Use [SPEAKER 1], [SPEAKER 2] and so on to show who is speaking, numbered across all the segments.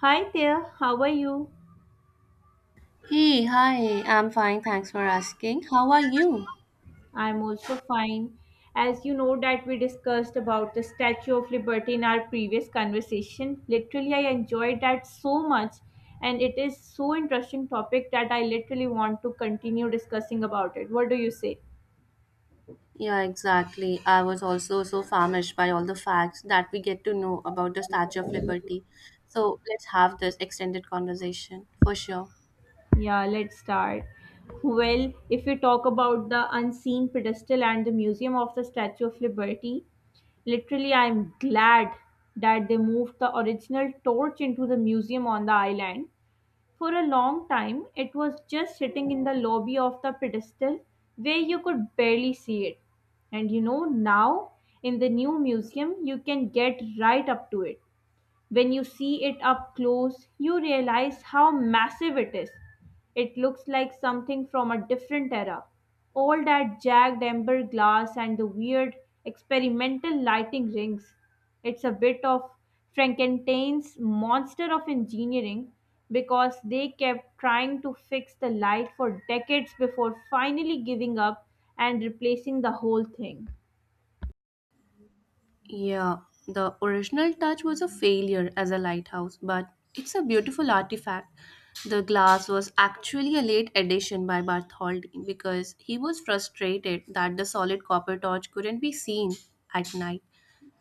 [SPEAKER 1] Hi there, how are you?
[SPEAKER 2] Hey, hi, I'm fine, thanks for asking. How are you?
[SPEAKER 1] I'm also fine. As you know that we discussed about the Statue of Liberty in our previous conversation, literally I enjoyed that so much and it is so interesting topic that I literally want to continue discussing about it. What do you say?
[SPEAKER 2] Yeah, exactly. I was also so famished by all the facts that we get to know about the Statue of Liberty. So let's have this extended conversation for sure.
[SPEAKER 1] Yeah, let's start. Well, if we talk about the unseen pedestal and the museum of the Statue of Liberty, literally I'm glad that they moved the original torch into the museum on the island. For a long time, it was just sitting in the lobby of the pedestal where you could barely see it. And you know, now in the new museum, you can get right up to it. When you see it up close, you realize how massive it is. It looks like something from a different era. All that jagged amber glass and the weird experimental lighting rings. It's a bit of Frankenstein's monster of engineering because they kept trying to fix the light for decades before finally giving up and replacing the whole thing.
[SPEAKER 2] Yeah, the original touch was a failure as a lighthouse, but it's a beautiful artifact. The glass was actually a late addition by Bartholdi because he was frustrated that the solid copper torch couldn't be seen at night.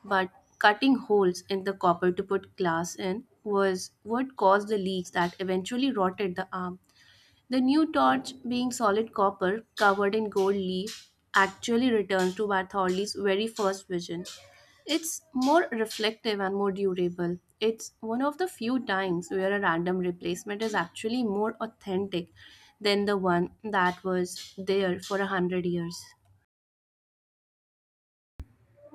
[SPEAKER 2] But cutting holes in the copper to put glass in was what caused the leaks that eventually rotted the arm. The new torch, being solid copper covered in gold leaf, actually returns to Bartholdi's very first vision. It's more reflective and more durable. It's one of the few times where a random replacement is actually more authentic than the one that was there for a hundred years.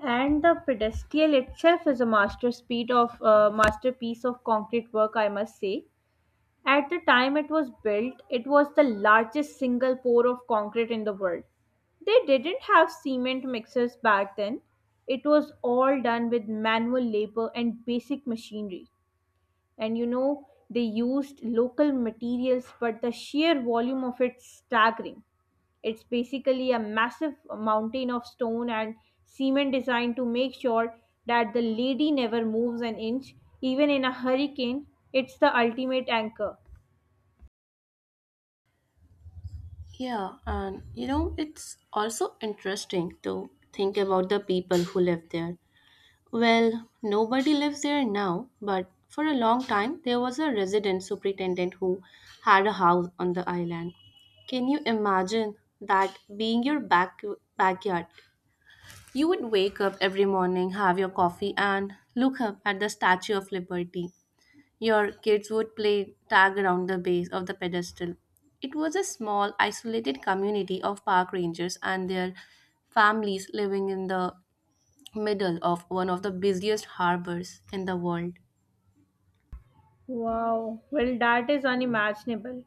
[SPEAKER 1] And the pedestal itself is a masterpiece of concrete work, I must say. At the time it was built, it was the largest single pour of concrete in the world. They didn't have cement mixers back then. It was all done with manual labor and basic machinery. And you know, they used local materials, but the sheer volume of it staggering. It's basically a massive mountain of stone and cement designed to make sure that the lady never moves an inch, even in a hurricane. It's the ultimate anchor.
[SPEAKER 2] Yeah, and you know, it's also interesting to think about the people who lived there. Well, nobody lives there now, but for a long time there was a resident superintendent who had a house on the island. Can you imagine that being your backyard? You would wake up every morning, have your coffee and look up at the Statue of Liberty. Your kids would play tag around the base of the pedestal. It was a small, isolated community of park rangers and their families living in the middle of one of the busiest harbors in the world.
[SPEAKER 1] Wow, well, that is unimaginable.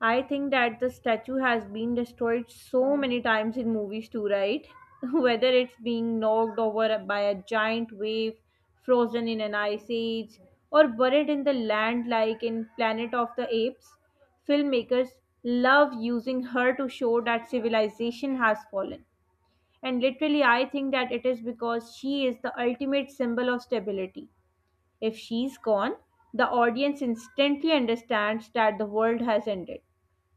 [SPEAKER 1] I think that the statue has been destroyed so many times in movies too, right? Whether it's being knocked over by a giant wave, frozen in an ice age, or buried in the land like in Planet of the Apes, filmmakers love using her to show that civilization has fallen. And literally, I think that it is because she is the ultimate symbol of stability. If she's gone, the audience instantly understands that the world has ended.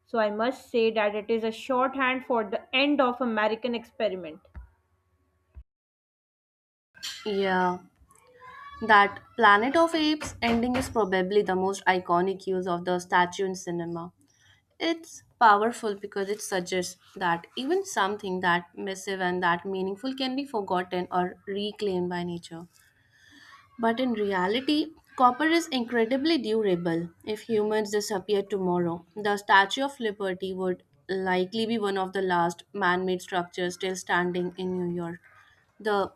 [SPEAKER 1] So I must say that it is a shorthand for the end of American experiment.
[SPEAKER 2] Yeah, that Planet of Apes ending is probably the most iconic use of the statue in cinema. It's powerful because it suggests that even something that massive and that meaningful can be forgotten or reclaimed by nature. But in reality, copper is incredibly durable. If humans disappeared tomorrow, the Statue of Liberty would likely be one of the last man made structures still standing in New York. The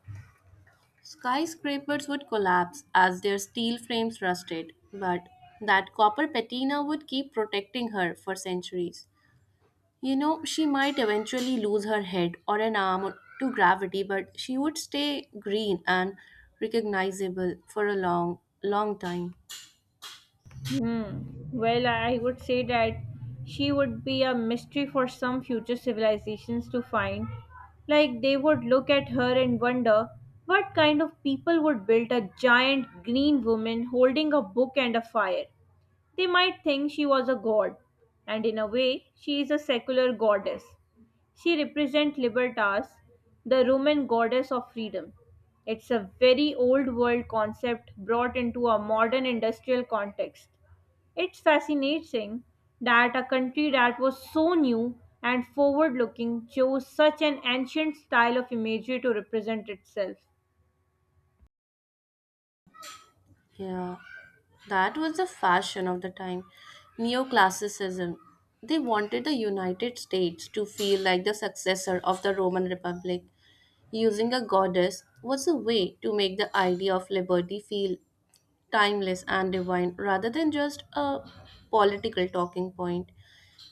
[SPEAKER 2] skyscrapers would collapse as their steel frames rusted, but that copper patina would keep protecting her for centuries. You know, she might eventually lose her head or an arm to gravity, but she would stay green and recognizable for a long, long time.
[SPEAKER 1] Hmm. Well, I would say that she would be a mystery for some future civilizations to find. Like they would look at her and wonder what kind of people would build a giant green woman holding a book and a fire. They might think she was a god, and in a way, she is a secular goddess. She represents Libertas, the Roman goddess of freedom. It's a very old world concept brought into a modern industrial context. It's fascinating that a country that was so new and forward looking chose such an ancient style of imagery to represent itself.
[SPEAKER 2] Yeah, that was the fashion of the time. Neoclassicism. They wanted the United States to feel like the successor of the Roman Republic. Using a goddess was a way to make the idea of liberty feel timeless and divine rather than just a political talking point.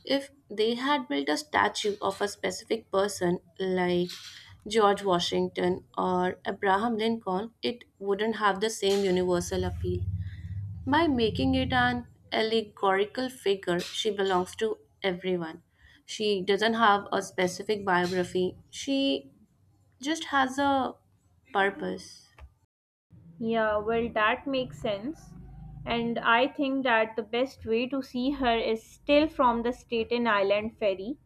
[SPEAKER 2] If they had built a statue of a specific person like George Washington or Abraham Lincoln, it wouldn't have the same universal appeal. By making it an allegorical figure, she belongs to everyone. She doesn't have a specific biography, she just has a purpose.
[SPEAKER 1] Yeah, well, that makes sense. And I think that the best way to see her is still from the Staten Island ferry.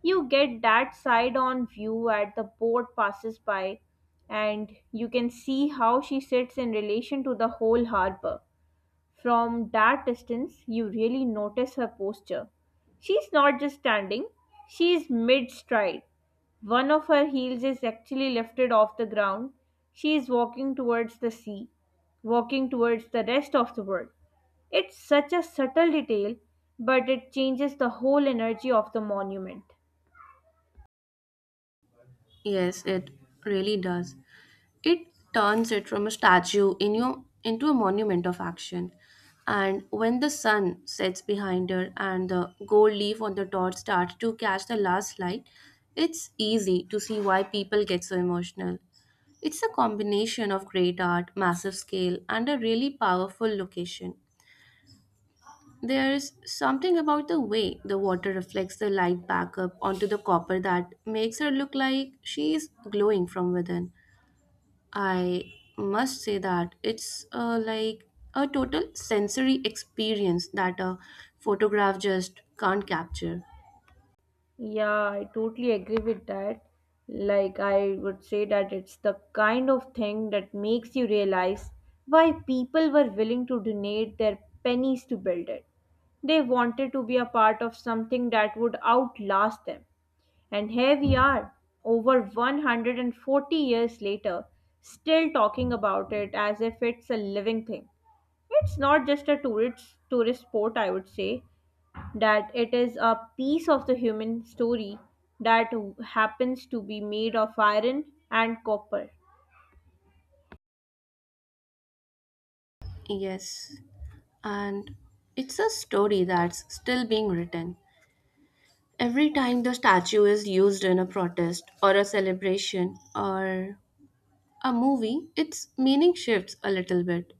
[SPEAKER 1] You get that side on view at the boat passes by, and you can see how she sits in relation to the whole harbor. From that distance you really notice her posture. She's not just standing, she's mid stride. One of her heels is actually lifted off the ground. She is walking towards the sea, walking towards the rest of the world. It's such a subtle detail, but it changes the whole energy of the monument.
[SPEAKER 2] Yes, it really does. It turns it from a statue in your, into a monument of action. And when the sun sets behind her and the gold leaf on the dot starts to catch the last light, it's easy to see why people get so emotional. It's a combination of great art, massive scale, and a really powerful location. There's something about the way the water reflects the light back up onto the copper that makes her look like she's glowing from within. I must say that it's like a total sensory experience that a photograph just can't capture.
[SPEAKER 1] Yeah, I totally agree with that. Like, I would say that it's the kind of thing that makes you realize why people were willing to donate their pennies to build it. They wanted to be a part of something that would outlast them. And here we are, over 140 years later, still talking about it as if it's a living thing. It's not just a tourist sport, I would say that it is a piece of the human story that happens to be made of iron and copper.
[SPEAKER 2] Yes, and it's a story that's still being written. Every time the statue is used in a protest or a celebration or a movie, its meaning shifts a little bit.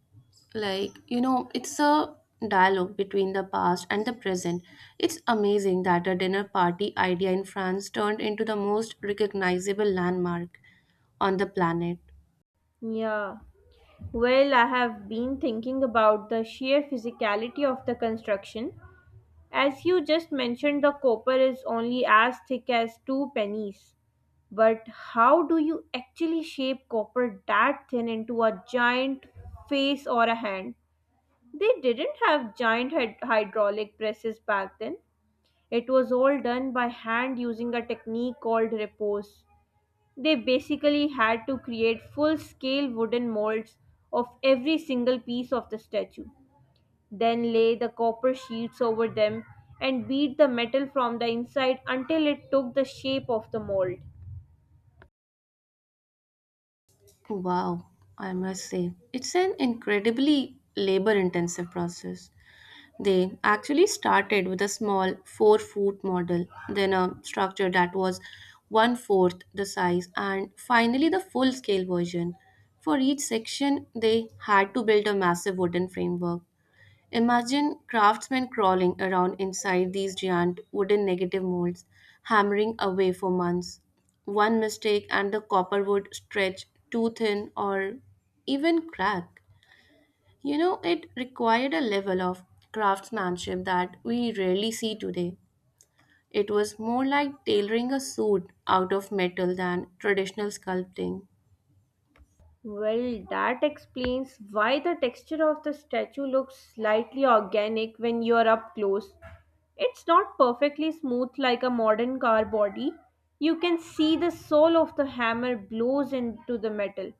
[SPEAKER 2] Like, you know, it's a dialogue between the past and the present. It's amazing that a dinner party idea in France turned into the most recognizable landmark on the planet.
[SPEAKER 1] Yeah. Well, I have been thinking about the sheer physicality of the construction. As you just mentioned, the copper is only as thick as two pennies. But how do you actually shape copper that thin into a giant face or a hand? They didn't have giant hydraulic presses back then. It was all done by hand using a technique called repose. They basically had to create full scale wooden molds of every single piece of the statue, then lay the copper sheets over them and beat the metal from the inside until it took the shape of the mold.
[SPEAKER 2] Wow, I must say. It's an incredibly labor intensive process. They actually started with a small 4 foot model, then a structure that was one fourth the size, and finally the full scale version. For each section, they had to build a massive wooden framework. Imagine craftsmen crawling around inside these giant wooden negative molds, hammering away for months. One mistake, and the copper would stretch too thin or even crack. You know, it required a level of craftsmanship that we rarely see today. It was more like tailoring a suit out of metal than traditional sculpting.
[SPEAKER 1] Well, that explains why the texture of the statue looks slightly organic when you are up close. It's not perfectly smooth like a modern car body. You can see the sole of the hammer blows into the metal.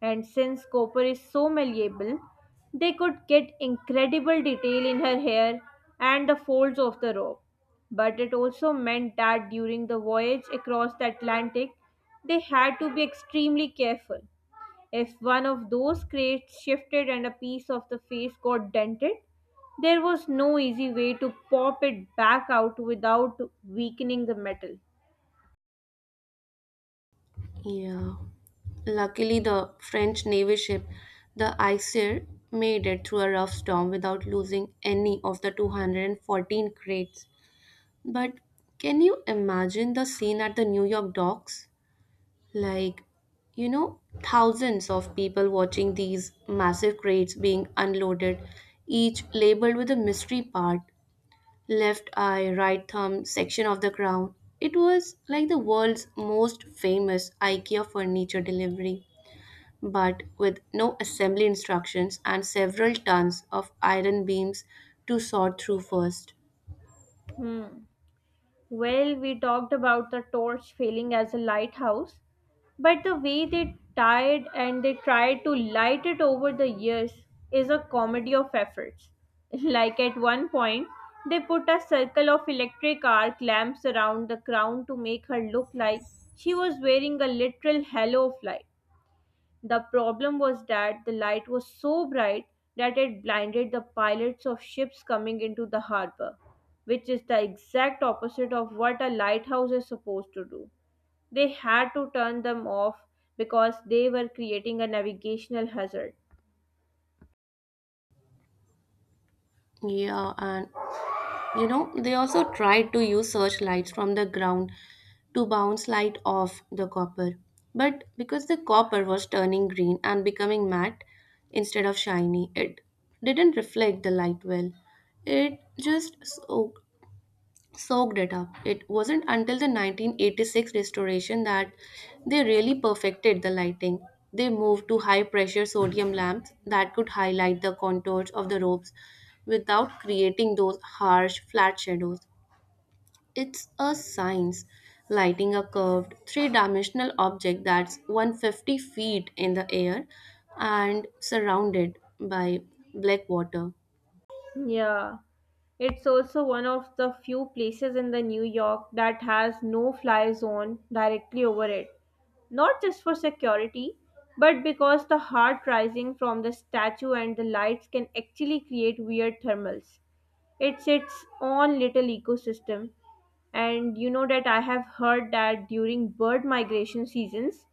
[SPEAKER 1] And since copper is so malleable, they could get incredible detail in her hair and the folds of the robe. But it also meant that during the voyage across the Atlantic, they had to be extremely careful. If one of those crates shifted and a piece of the face got dented, there was no easy way to pop it back out without weakening the metal.
[SPEAKER 2] Yeah. Luckily, the French navy ship, the Isère, made it through a rough storm without losing any of the 214 crates. But can you imagine the scene at the New York docks? Like, you know, thousands of people watching these massive crates being unloaded, each labeled with a mystery part: left eye, right thumb, section of the crown. It was like the world's most famous IKEA furniture delivery, but with no assembly instructions and several tons of iron beams to sort through first.
[SPEAKER 1] Hmm. Well, we talked about the torch failing as a lighthouse, but the way they tied and they tried to light it over the years is a comedy of efforts. Like at one point, they put a circle of electric arc lamps around the crown to make her look like she was wearing a literal halo of light. The problem was that the light was so bright that it blinded the pilots of ships coming into the harbor, which is the exact opposite of what a lighthouse is supposed to do. They had to turn them off because they were creating a navigational hazard.
[SPEAKER 2] Yeah, and you know, they also tried to use searchlights from the ground to bounce light off the copper. But because the copper was turning green and becoming matte instead of shiny, it didn't reflect the light well. It just soaked it up. It wasn't until the 1986 restoration that they really perfected the lighting. They moved to high pressure sodium lamps that could highlight the contours of the robes without creating those harsh, flat shadows. It's a science. Lighting a curved, three dimensional object that's 150 feet in the air and surrounded by black water.
[SPEAKER 1] Yeah. It's also one of the few places in the New York that has no fly zone directly over it. Not just for security, but because the heat rising from the statue and the lights can actually create weird thermals. It's its own little ecosystem, and you know that I have heard that during bird migration seasons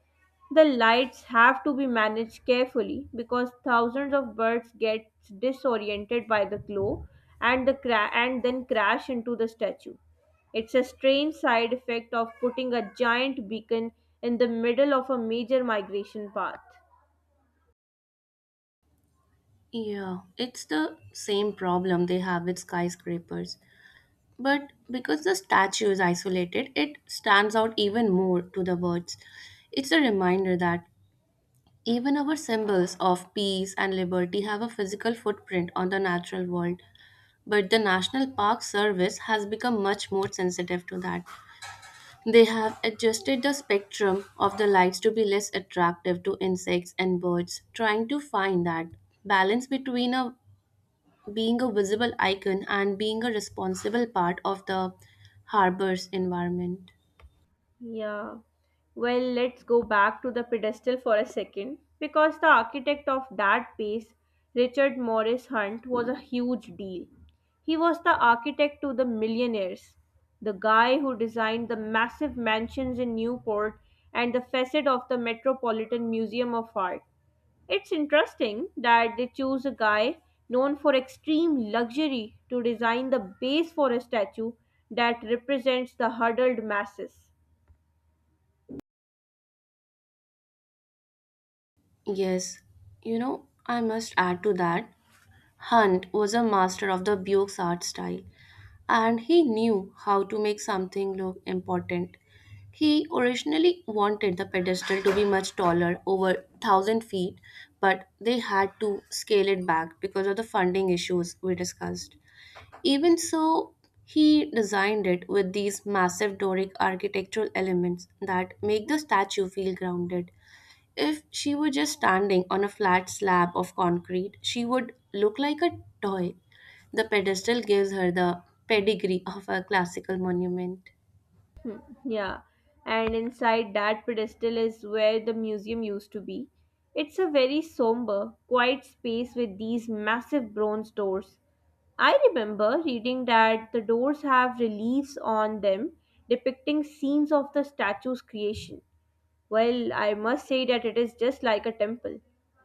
[SPEAKER 1] the lights have to be managed carefully because thousands of birds get disoriented by the glow, and then crash into the statue. It's a strange side effect of putting a giant beacon in the middle of a major migration path.
[SPEAKER 2] Yeah, it's the same problem they have with skyscrapers. But because the statue is isolated, it stands out even more to the words. It's a reminder that even our symbols of peace and liberty have a physical footprint on the natural world. But the National Park Service has become much more sensitive to that. They have adjusted the spectrum of the lights to be less attractive to insects and birds, trying to find that balance between a being a visible icon and being a responsible part of the harbor's environment.
[SPEAKER 1] Yeah. Well, let's go back to the pedestal for a second because the architect of that piece, Richard Morris Hunt, was a huge deal. He was the architect to the millionaires, the guy who designed the massive mansions in Newport and the facade of the Metropolitan Museum of Art. It's interesting that they choose a guy known for extreme luxury to design the base for a statue that represents the huddled masses.
[SPEAKER 2] Yes, you know, I must add to that. Hunt was a master of the Buick's art style, and he knew how to make something look important. He originally wanted the pedestal to be much taller, over 1000 feet, but they had to scale it back because of the funding issues we discussed. Even so, he designed it with these massive Doric architectural elements that make the statue feel grounded. If she were just standing on a flat slab of concrete, she would look like a toy. The pedestal gives her the pedigree of a classical monument.
[SPEAKER 1] Yeah, and inside that pedestal is where the museum used to be. It's a very somber, quiet space with these massive bronze doors. I remember reading that the doors have reliefs on them depicting scenes of the statue's creation. Well, I must say that it is just like a temple.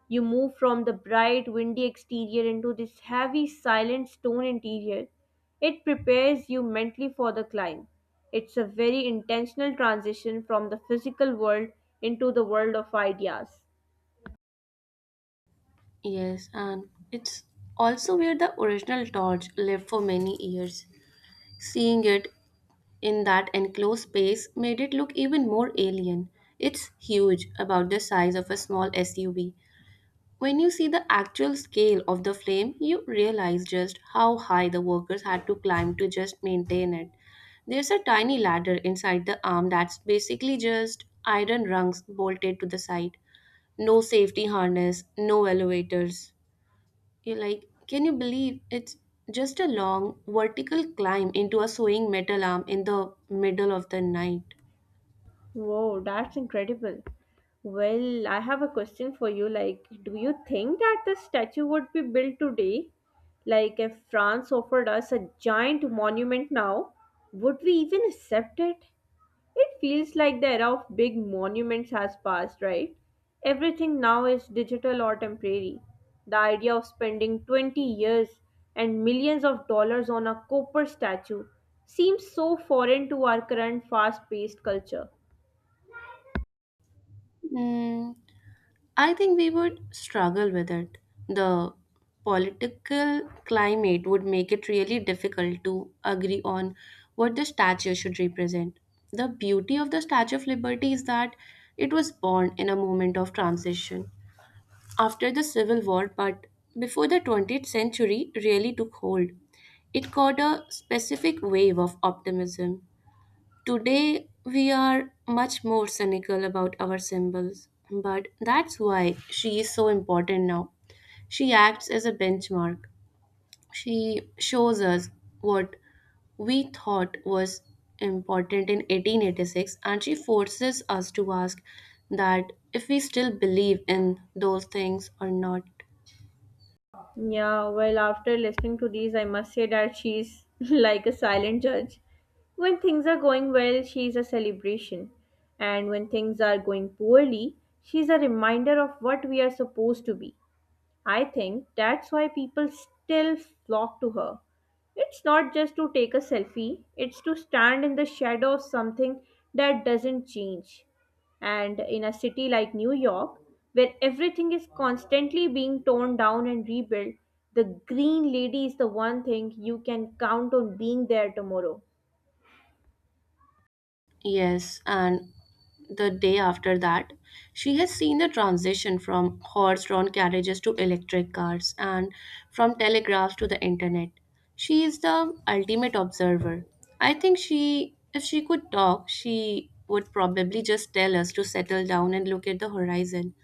[SPEAKER 1] You move from the bright, windy exterior into this heavy, silent stone interior. It prepares you mentally for the climb. It's a very intentional transition from the physical world into the world of ideas.
[SPEAKER 2] Yes, and it's also where the original torch lived for many years. Seeing it in that enclosed space made it look even more alien. It's huge, about the size of a small SUV. When you see the actual scale of the flame, you realize just how high the workers had to climb to just maintain it. There's a tiny ladder inside the arm that's basically just iron rungs bolted to the side. No safety harness, no elevators. You're like, can you believe it's just a long vertical climb into a sewing metal arm in the middle of the night?
[SPEAKER 1] Wow, that's incredible. Well, I have a question for you. Like, do you think that the statue would be built today? Like, if France offered us a giant monument now, would we even accept it? It feels like the era of big monuments has passed, right? Everything now is digital or temporary. The idea of spending 20 years and millions of dollars on a copper statue seems so foreign to our current fast paced culture.
[SPEAKER 2] Mm, I think we would struggle with it. The political climate would make it really difficult to agree on what the statue should represent. The beauty of the Statue of Liberty is that it was born in a moment of transition, after the Civil War, but before the 20th century really took hold. It caught a specific wave of optimism. Today, we are much more cynical about our symbols, but that's why she is so important now. She acts as a benchmark. She shows us what we thought was important in 1886, and she forces us to ask that if we still believe in those things or not.
[SPEAKER 1] Yeah, well, after listening to these, I must say that she's like a silent judge. When things are going well, she's a celebration. And when things are going poorly, she's a reminder of what we are supposed to be. I think that's why people still flock to her. It's not just to take a selfie, it's to stand in the shadow of something that doesn't change. And in a city like New York, where everything is constantly being torn down and rebuilt, the Green Lady is the one thing you can count on being there tomorrow.
[SPEAKER 2] Yes, and the day after that, she has seen the transition from horse drawn carriages to electric cars and from telegraphs to the internet. She is the ultimate observer. I think if she could talk, she would probably just tell us to settle down and look at the horizon.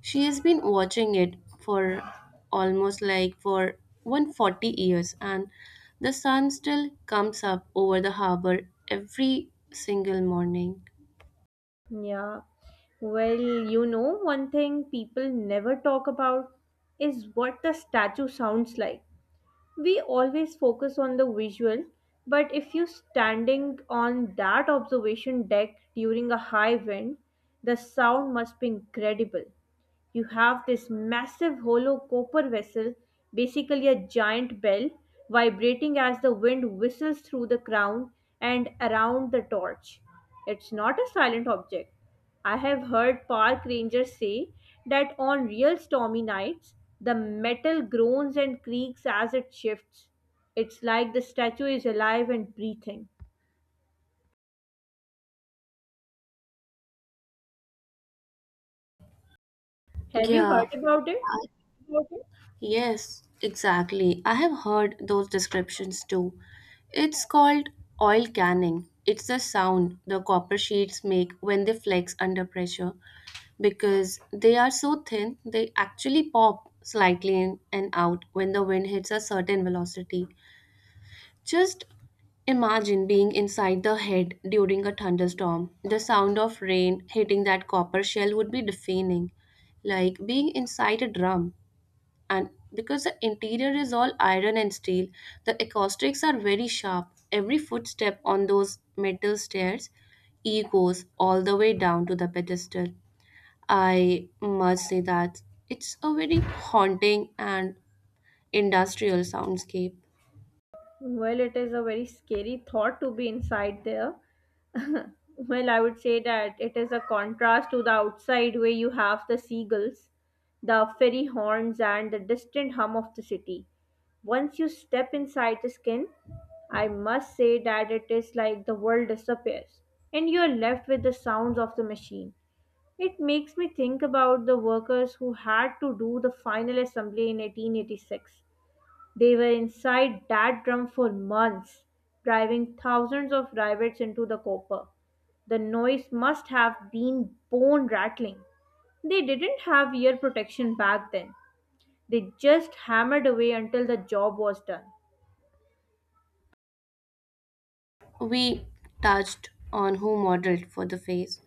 [SPEAKER 2] She has been watching it for almost like for 140 years, and the sun still comes up over the harbor every single morning.
[SPEAKER 1] Yeah. Well, you know, one thing people never talk about is what the statue sounds like. We always focus on the visual, but if you're standing on that observation deck during a high wind the sound must be incredible. You have this massive hollow copper vessel, basically a giant bell, vibrating as the wind whistles through the crown and around the torch. It's not a silent object. I have heard park rangers say that on real stormy nights, the metal groans and creaks as it shifts. It's like the statue is alive and breathing. Have you heard
[SPEAKER 2] Yeah,
[SPEAKER 1] about it?
[SPEAKER 2] yes, exactly. I have heard those descriptions too. It's called oil canning. It's the sound the copper sheets make when they flex under pressure because they are so thin they actually pop slightly in and out when the wind hits a certain velocity. Just imagine being inside the head during a thunderstorm. The sound of rain hitting that copper shell would be deafening, like being inside a drum. And because the interior is all iron and steel, the acoustics are very sharp. Every footstep on those metal stairs echoes all the way down to the pedestal. I must say that it's a very haunting and industrial soundscape.
[SPEAKER 1] Well, it is a very scary thought to be inside there. Well, I would say that it is a contrast to the outside where you have the seagulls, the fairy horns, and the distant hum of the city. Once you step inside the skin, I must say that it is like the world disappears and you are left with the sounds of the machine. It makes me think about the workers who had to do the final assembly in 1886. They were inside that drum for months, driving thousands of rivets into the copper. The noise must have been bone rattling. They didn't have ear protection back then. They just hammered away until the job was done.
[SPEAKER 2] We touched on who modeled for the face,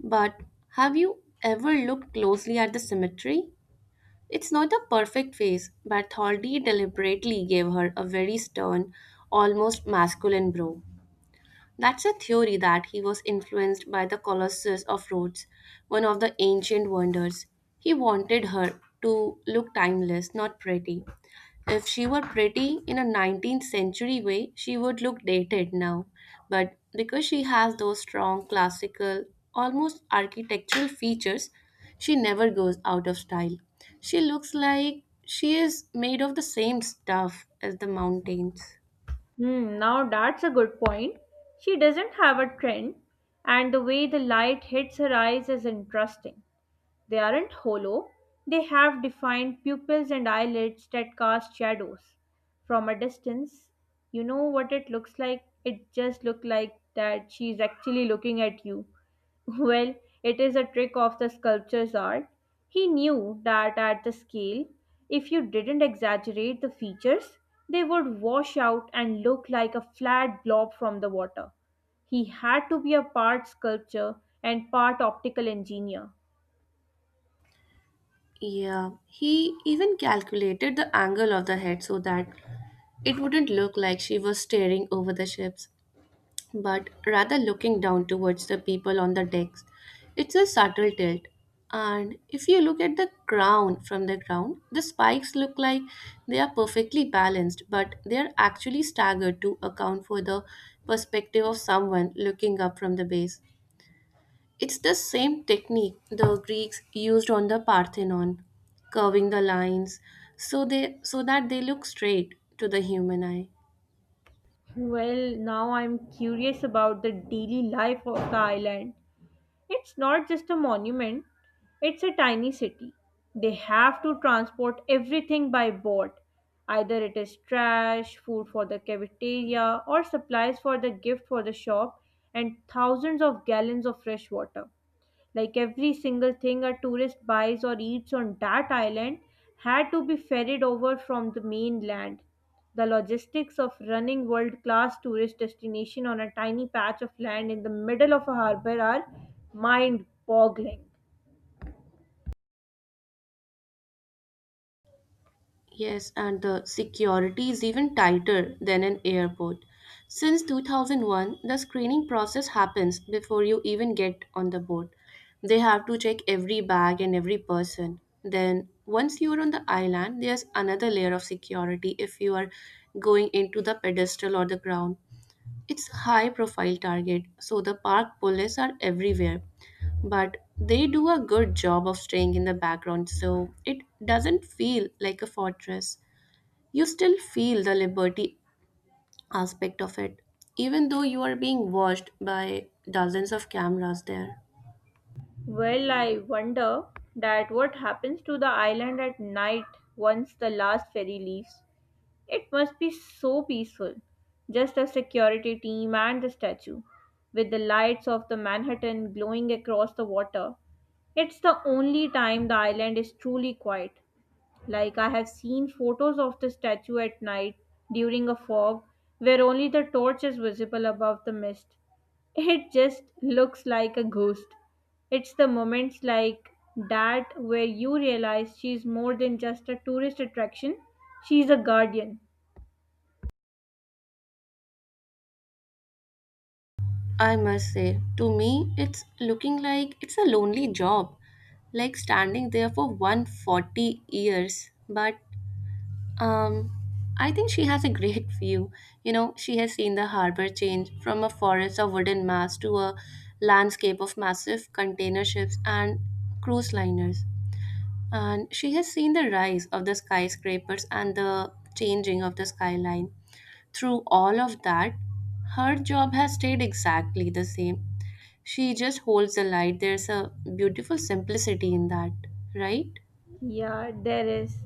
[SPEAKER 2] but have you ever looked closely at the symmetry? It's not a perfect face, but Thaldi deliberately gave her a very stern, almost masculine brow. That's a theory that he was influenced by the Colossus of Rhodes, one of the ancient wonders. He wanted her to look timeless, not pretty. If she were pretty in a 19th century way, she would look dated now. But because she has those strong classical, almost architectural features, she never goes out of style. She looks like she is made of the same stuff as the mountains.
[SPEAKER 1] Hmm, now that's a good point. She doesn't have a trend, and the way the light hits her eyes is interesting. They aren't hollow, they have defined pupils and eyelids that cast shadows. From a distance, you know what it looks like? It just looks like that she's actually looking at you. Well, it is a trick of the sculpture's art. He knew that at the scale, if you didn't exaggerate the features, they would wash out and look like a flat blob from the water. He had to be a part sculptor and part optical engineer.
[SPEAKER 2] Yeah, he even calculated the angle of the head so that it wouldn't look like she was staring over the ships, but rather looking down towards the people on the decks. It's a subtle tilt. And if you look at the crown from the ground, the spikes look like they are perfectly balanced, but they are actually staggered to account for the perspective of someone looking up from the base. It's the same technique the Greeks used on the Parthenon, curving the lines so that they look straight to the human eye.
[SPEAKER 1] Well, now I'm curious about the daily life of the island. It's not just a monument, it's a tiny city. They have to transport everything by boat. Either it is trash, food for the cafeteria, or supplies for the gift for the shop, and thousands of gallons of fresh water. Like every single thing a tourist buys or eats on that island had to be ferried over from the mainland. The logistics of running world class tourist destination on a tiny patch of land in the middle of a harbor are mind boggling.
[SPEAKER 2] Yes, and the security is even tighter than an airport. Since 2001, the screening process happens before you even get on the boat. They have to check every bag and every person. Then, once you're on the island, there's another layer of security if you are going into the pedestal or the ground. It's a high profile target, so the park police are everywhere, but they do a good job of staying in the background so it doesn't feel like a fortress. You still feel the liberty aspect of it, even though you are being watched by dozens of cameras there.
[SPEAKER 1] Well, I wonder that what happens to the island at night once the last ferry leaves. It must be so peaceful. Just a security team and the statue, with the lights of the Manhattan glowing across the water. It's the only time the island is truly quiet. Like I have seen photos of the statue at night during a fog where only the torch is visible above the mist. It just looks like a ghost. It's the moments like that where you realize she's more than just a tourist attraction, she's a guardian.
[SPEAKER 2] I must say, to me, it's looking like it's a lonely job, like standing there for 140 years, but Um, I think she has a great view. You know, she has seen the harbor change from a forest of wooden masts to a landscape of massive container ships and cruise liners. And she has seen the rise of the skyscrapers and the changing of the skyline. Through all of that, her job has stayed exactly the same. She just holds the light. There's a beautiful simplicity in that, right?
[SPEAKER 1] Yeah, there is.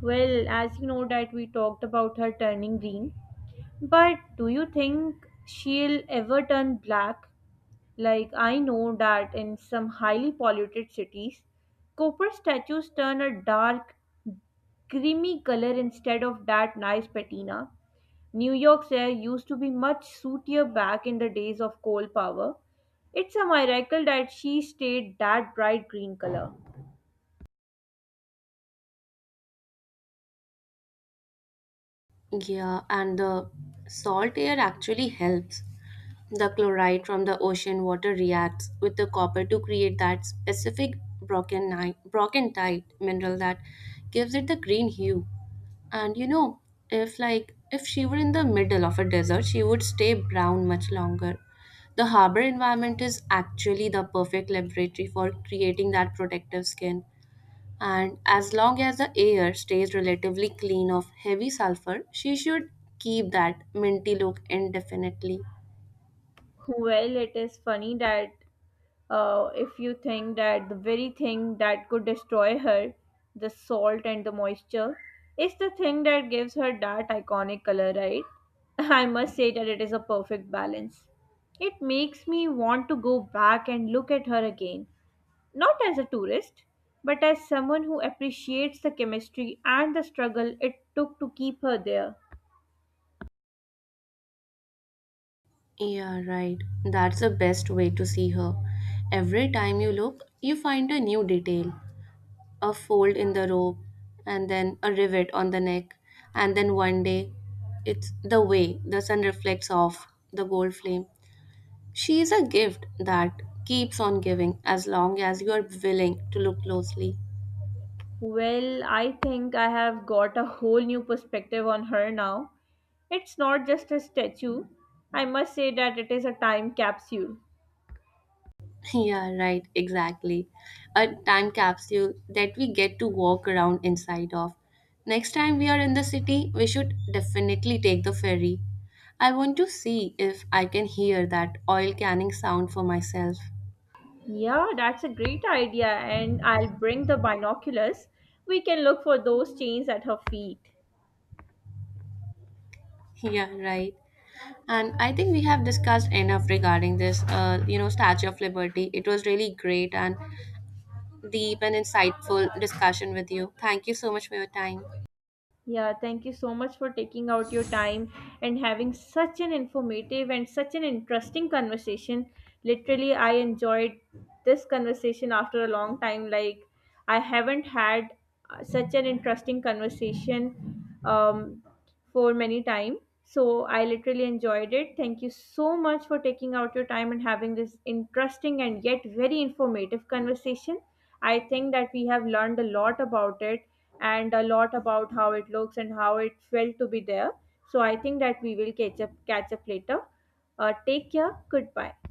[SPEAKER 1] Well, as you know that we talked about her turning green, but do you think she'll ever turn black? Like I know that in some highly polluted cities, copper statues turn a dark, creamy color instead of that nice patina. New York's air used to be much sootier back in the days of coal power. It's a miracle that she stayed that bright green color.
[SPEAKER 2] Yeah, and the salt air actually helps. The chloride from the ocean water reacts with the copper to create that specific brockentite mineral that gives it the green hue. And you know, if she were in the middle of a desert, she would stay brown much longer. The harbor environment is actually the perfect laboratory for creating that protective skin, and as long as the air stays relatively clean of heavy sulfur, she should keep that minty look indefinitely.
[SPEAKER 1] Well, it is funny that if you think that the very thing that could destroy her, the salt and the moisture, is the thing that gives her that iconic color, right? I must say that it is a perfect balance. It makes me want to go back and look at her again, not as a tourist, but as someone who appreciates the chemistry and the struggle it took to keep her there.
[SPEAKER 2] Yeah, right. That's the best way to see her. Every time you look, you find a new detail, a fold in the robe, and then a rivet on the neck, and then one day it's the way the sun reflects off the gold flame. She is a gift that keeps on giving as long as you are willing to look closely.
[SPEAKER 1] Well, I think I have got a whole new perspective on her now. It's not just a statue. I must say that it is a time capsule.
[SPEAKER 2] Yeah, right, exactly. A time capsule that we get to walk around inside of. Next time we are in the city, we should definitely take the ferry. I want to see if I can hear that oil canning sound for myself.
[SPEAKER 1] Yeah, that's a great idea, and I'll bring the binoculars. We can look for those chains at her feet.
[SPEAKER 2] Yeah, right. And I think we have discussed enough regarding this, Statue of Liberty. It was really great and deep and insightful discussion with you. Thank you so much for your time.
[SPEAKER 1] Yeah, thank you so much for taking out your time and having such an informative and such an interesting conversation. Literally, I enjoyed this conversation after a long time. Like, I haven't had such an interesting conversation for many time. So I literally enjoyed it. Thank you so much for taking out your time and having this interesting and yet very informative conversation. I think that we have learned a lot about it and a lot about how it looks and how it felt to be there. So I think that we will catch up later. Take care. Goodbye.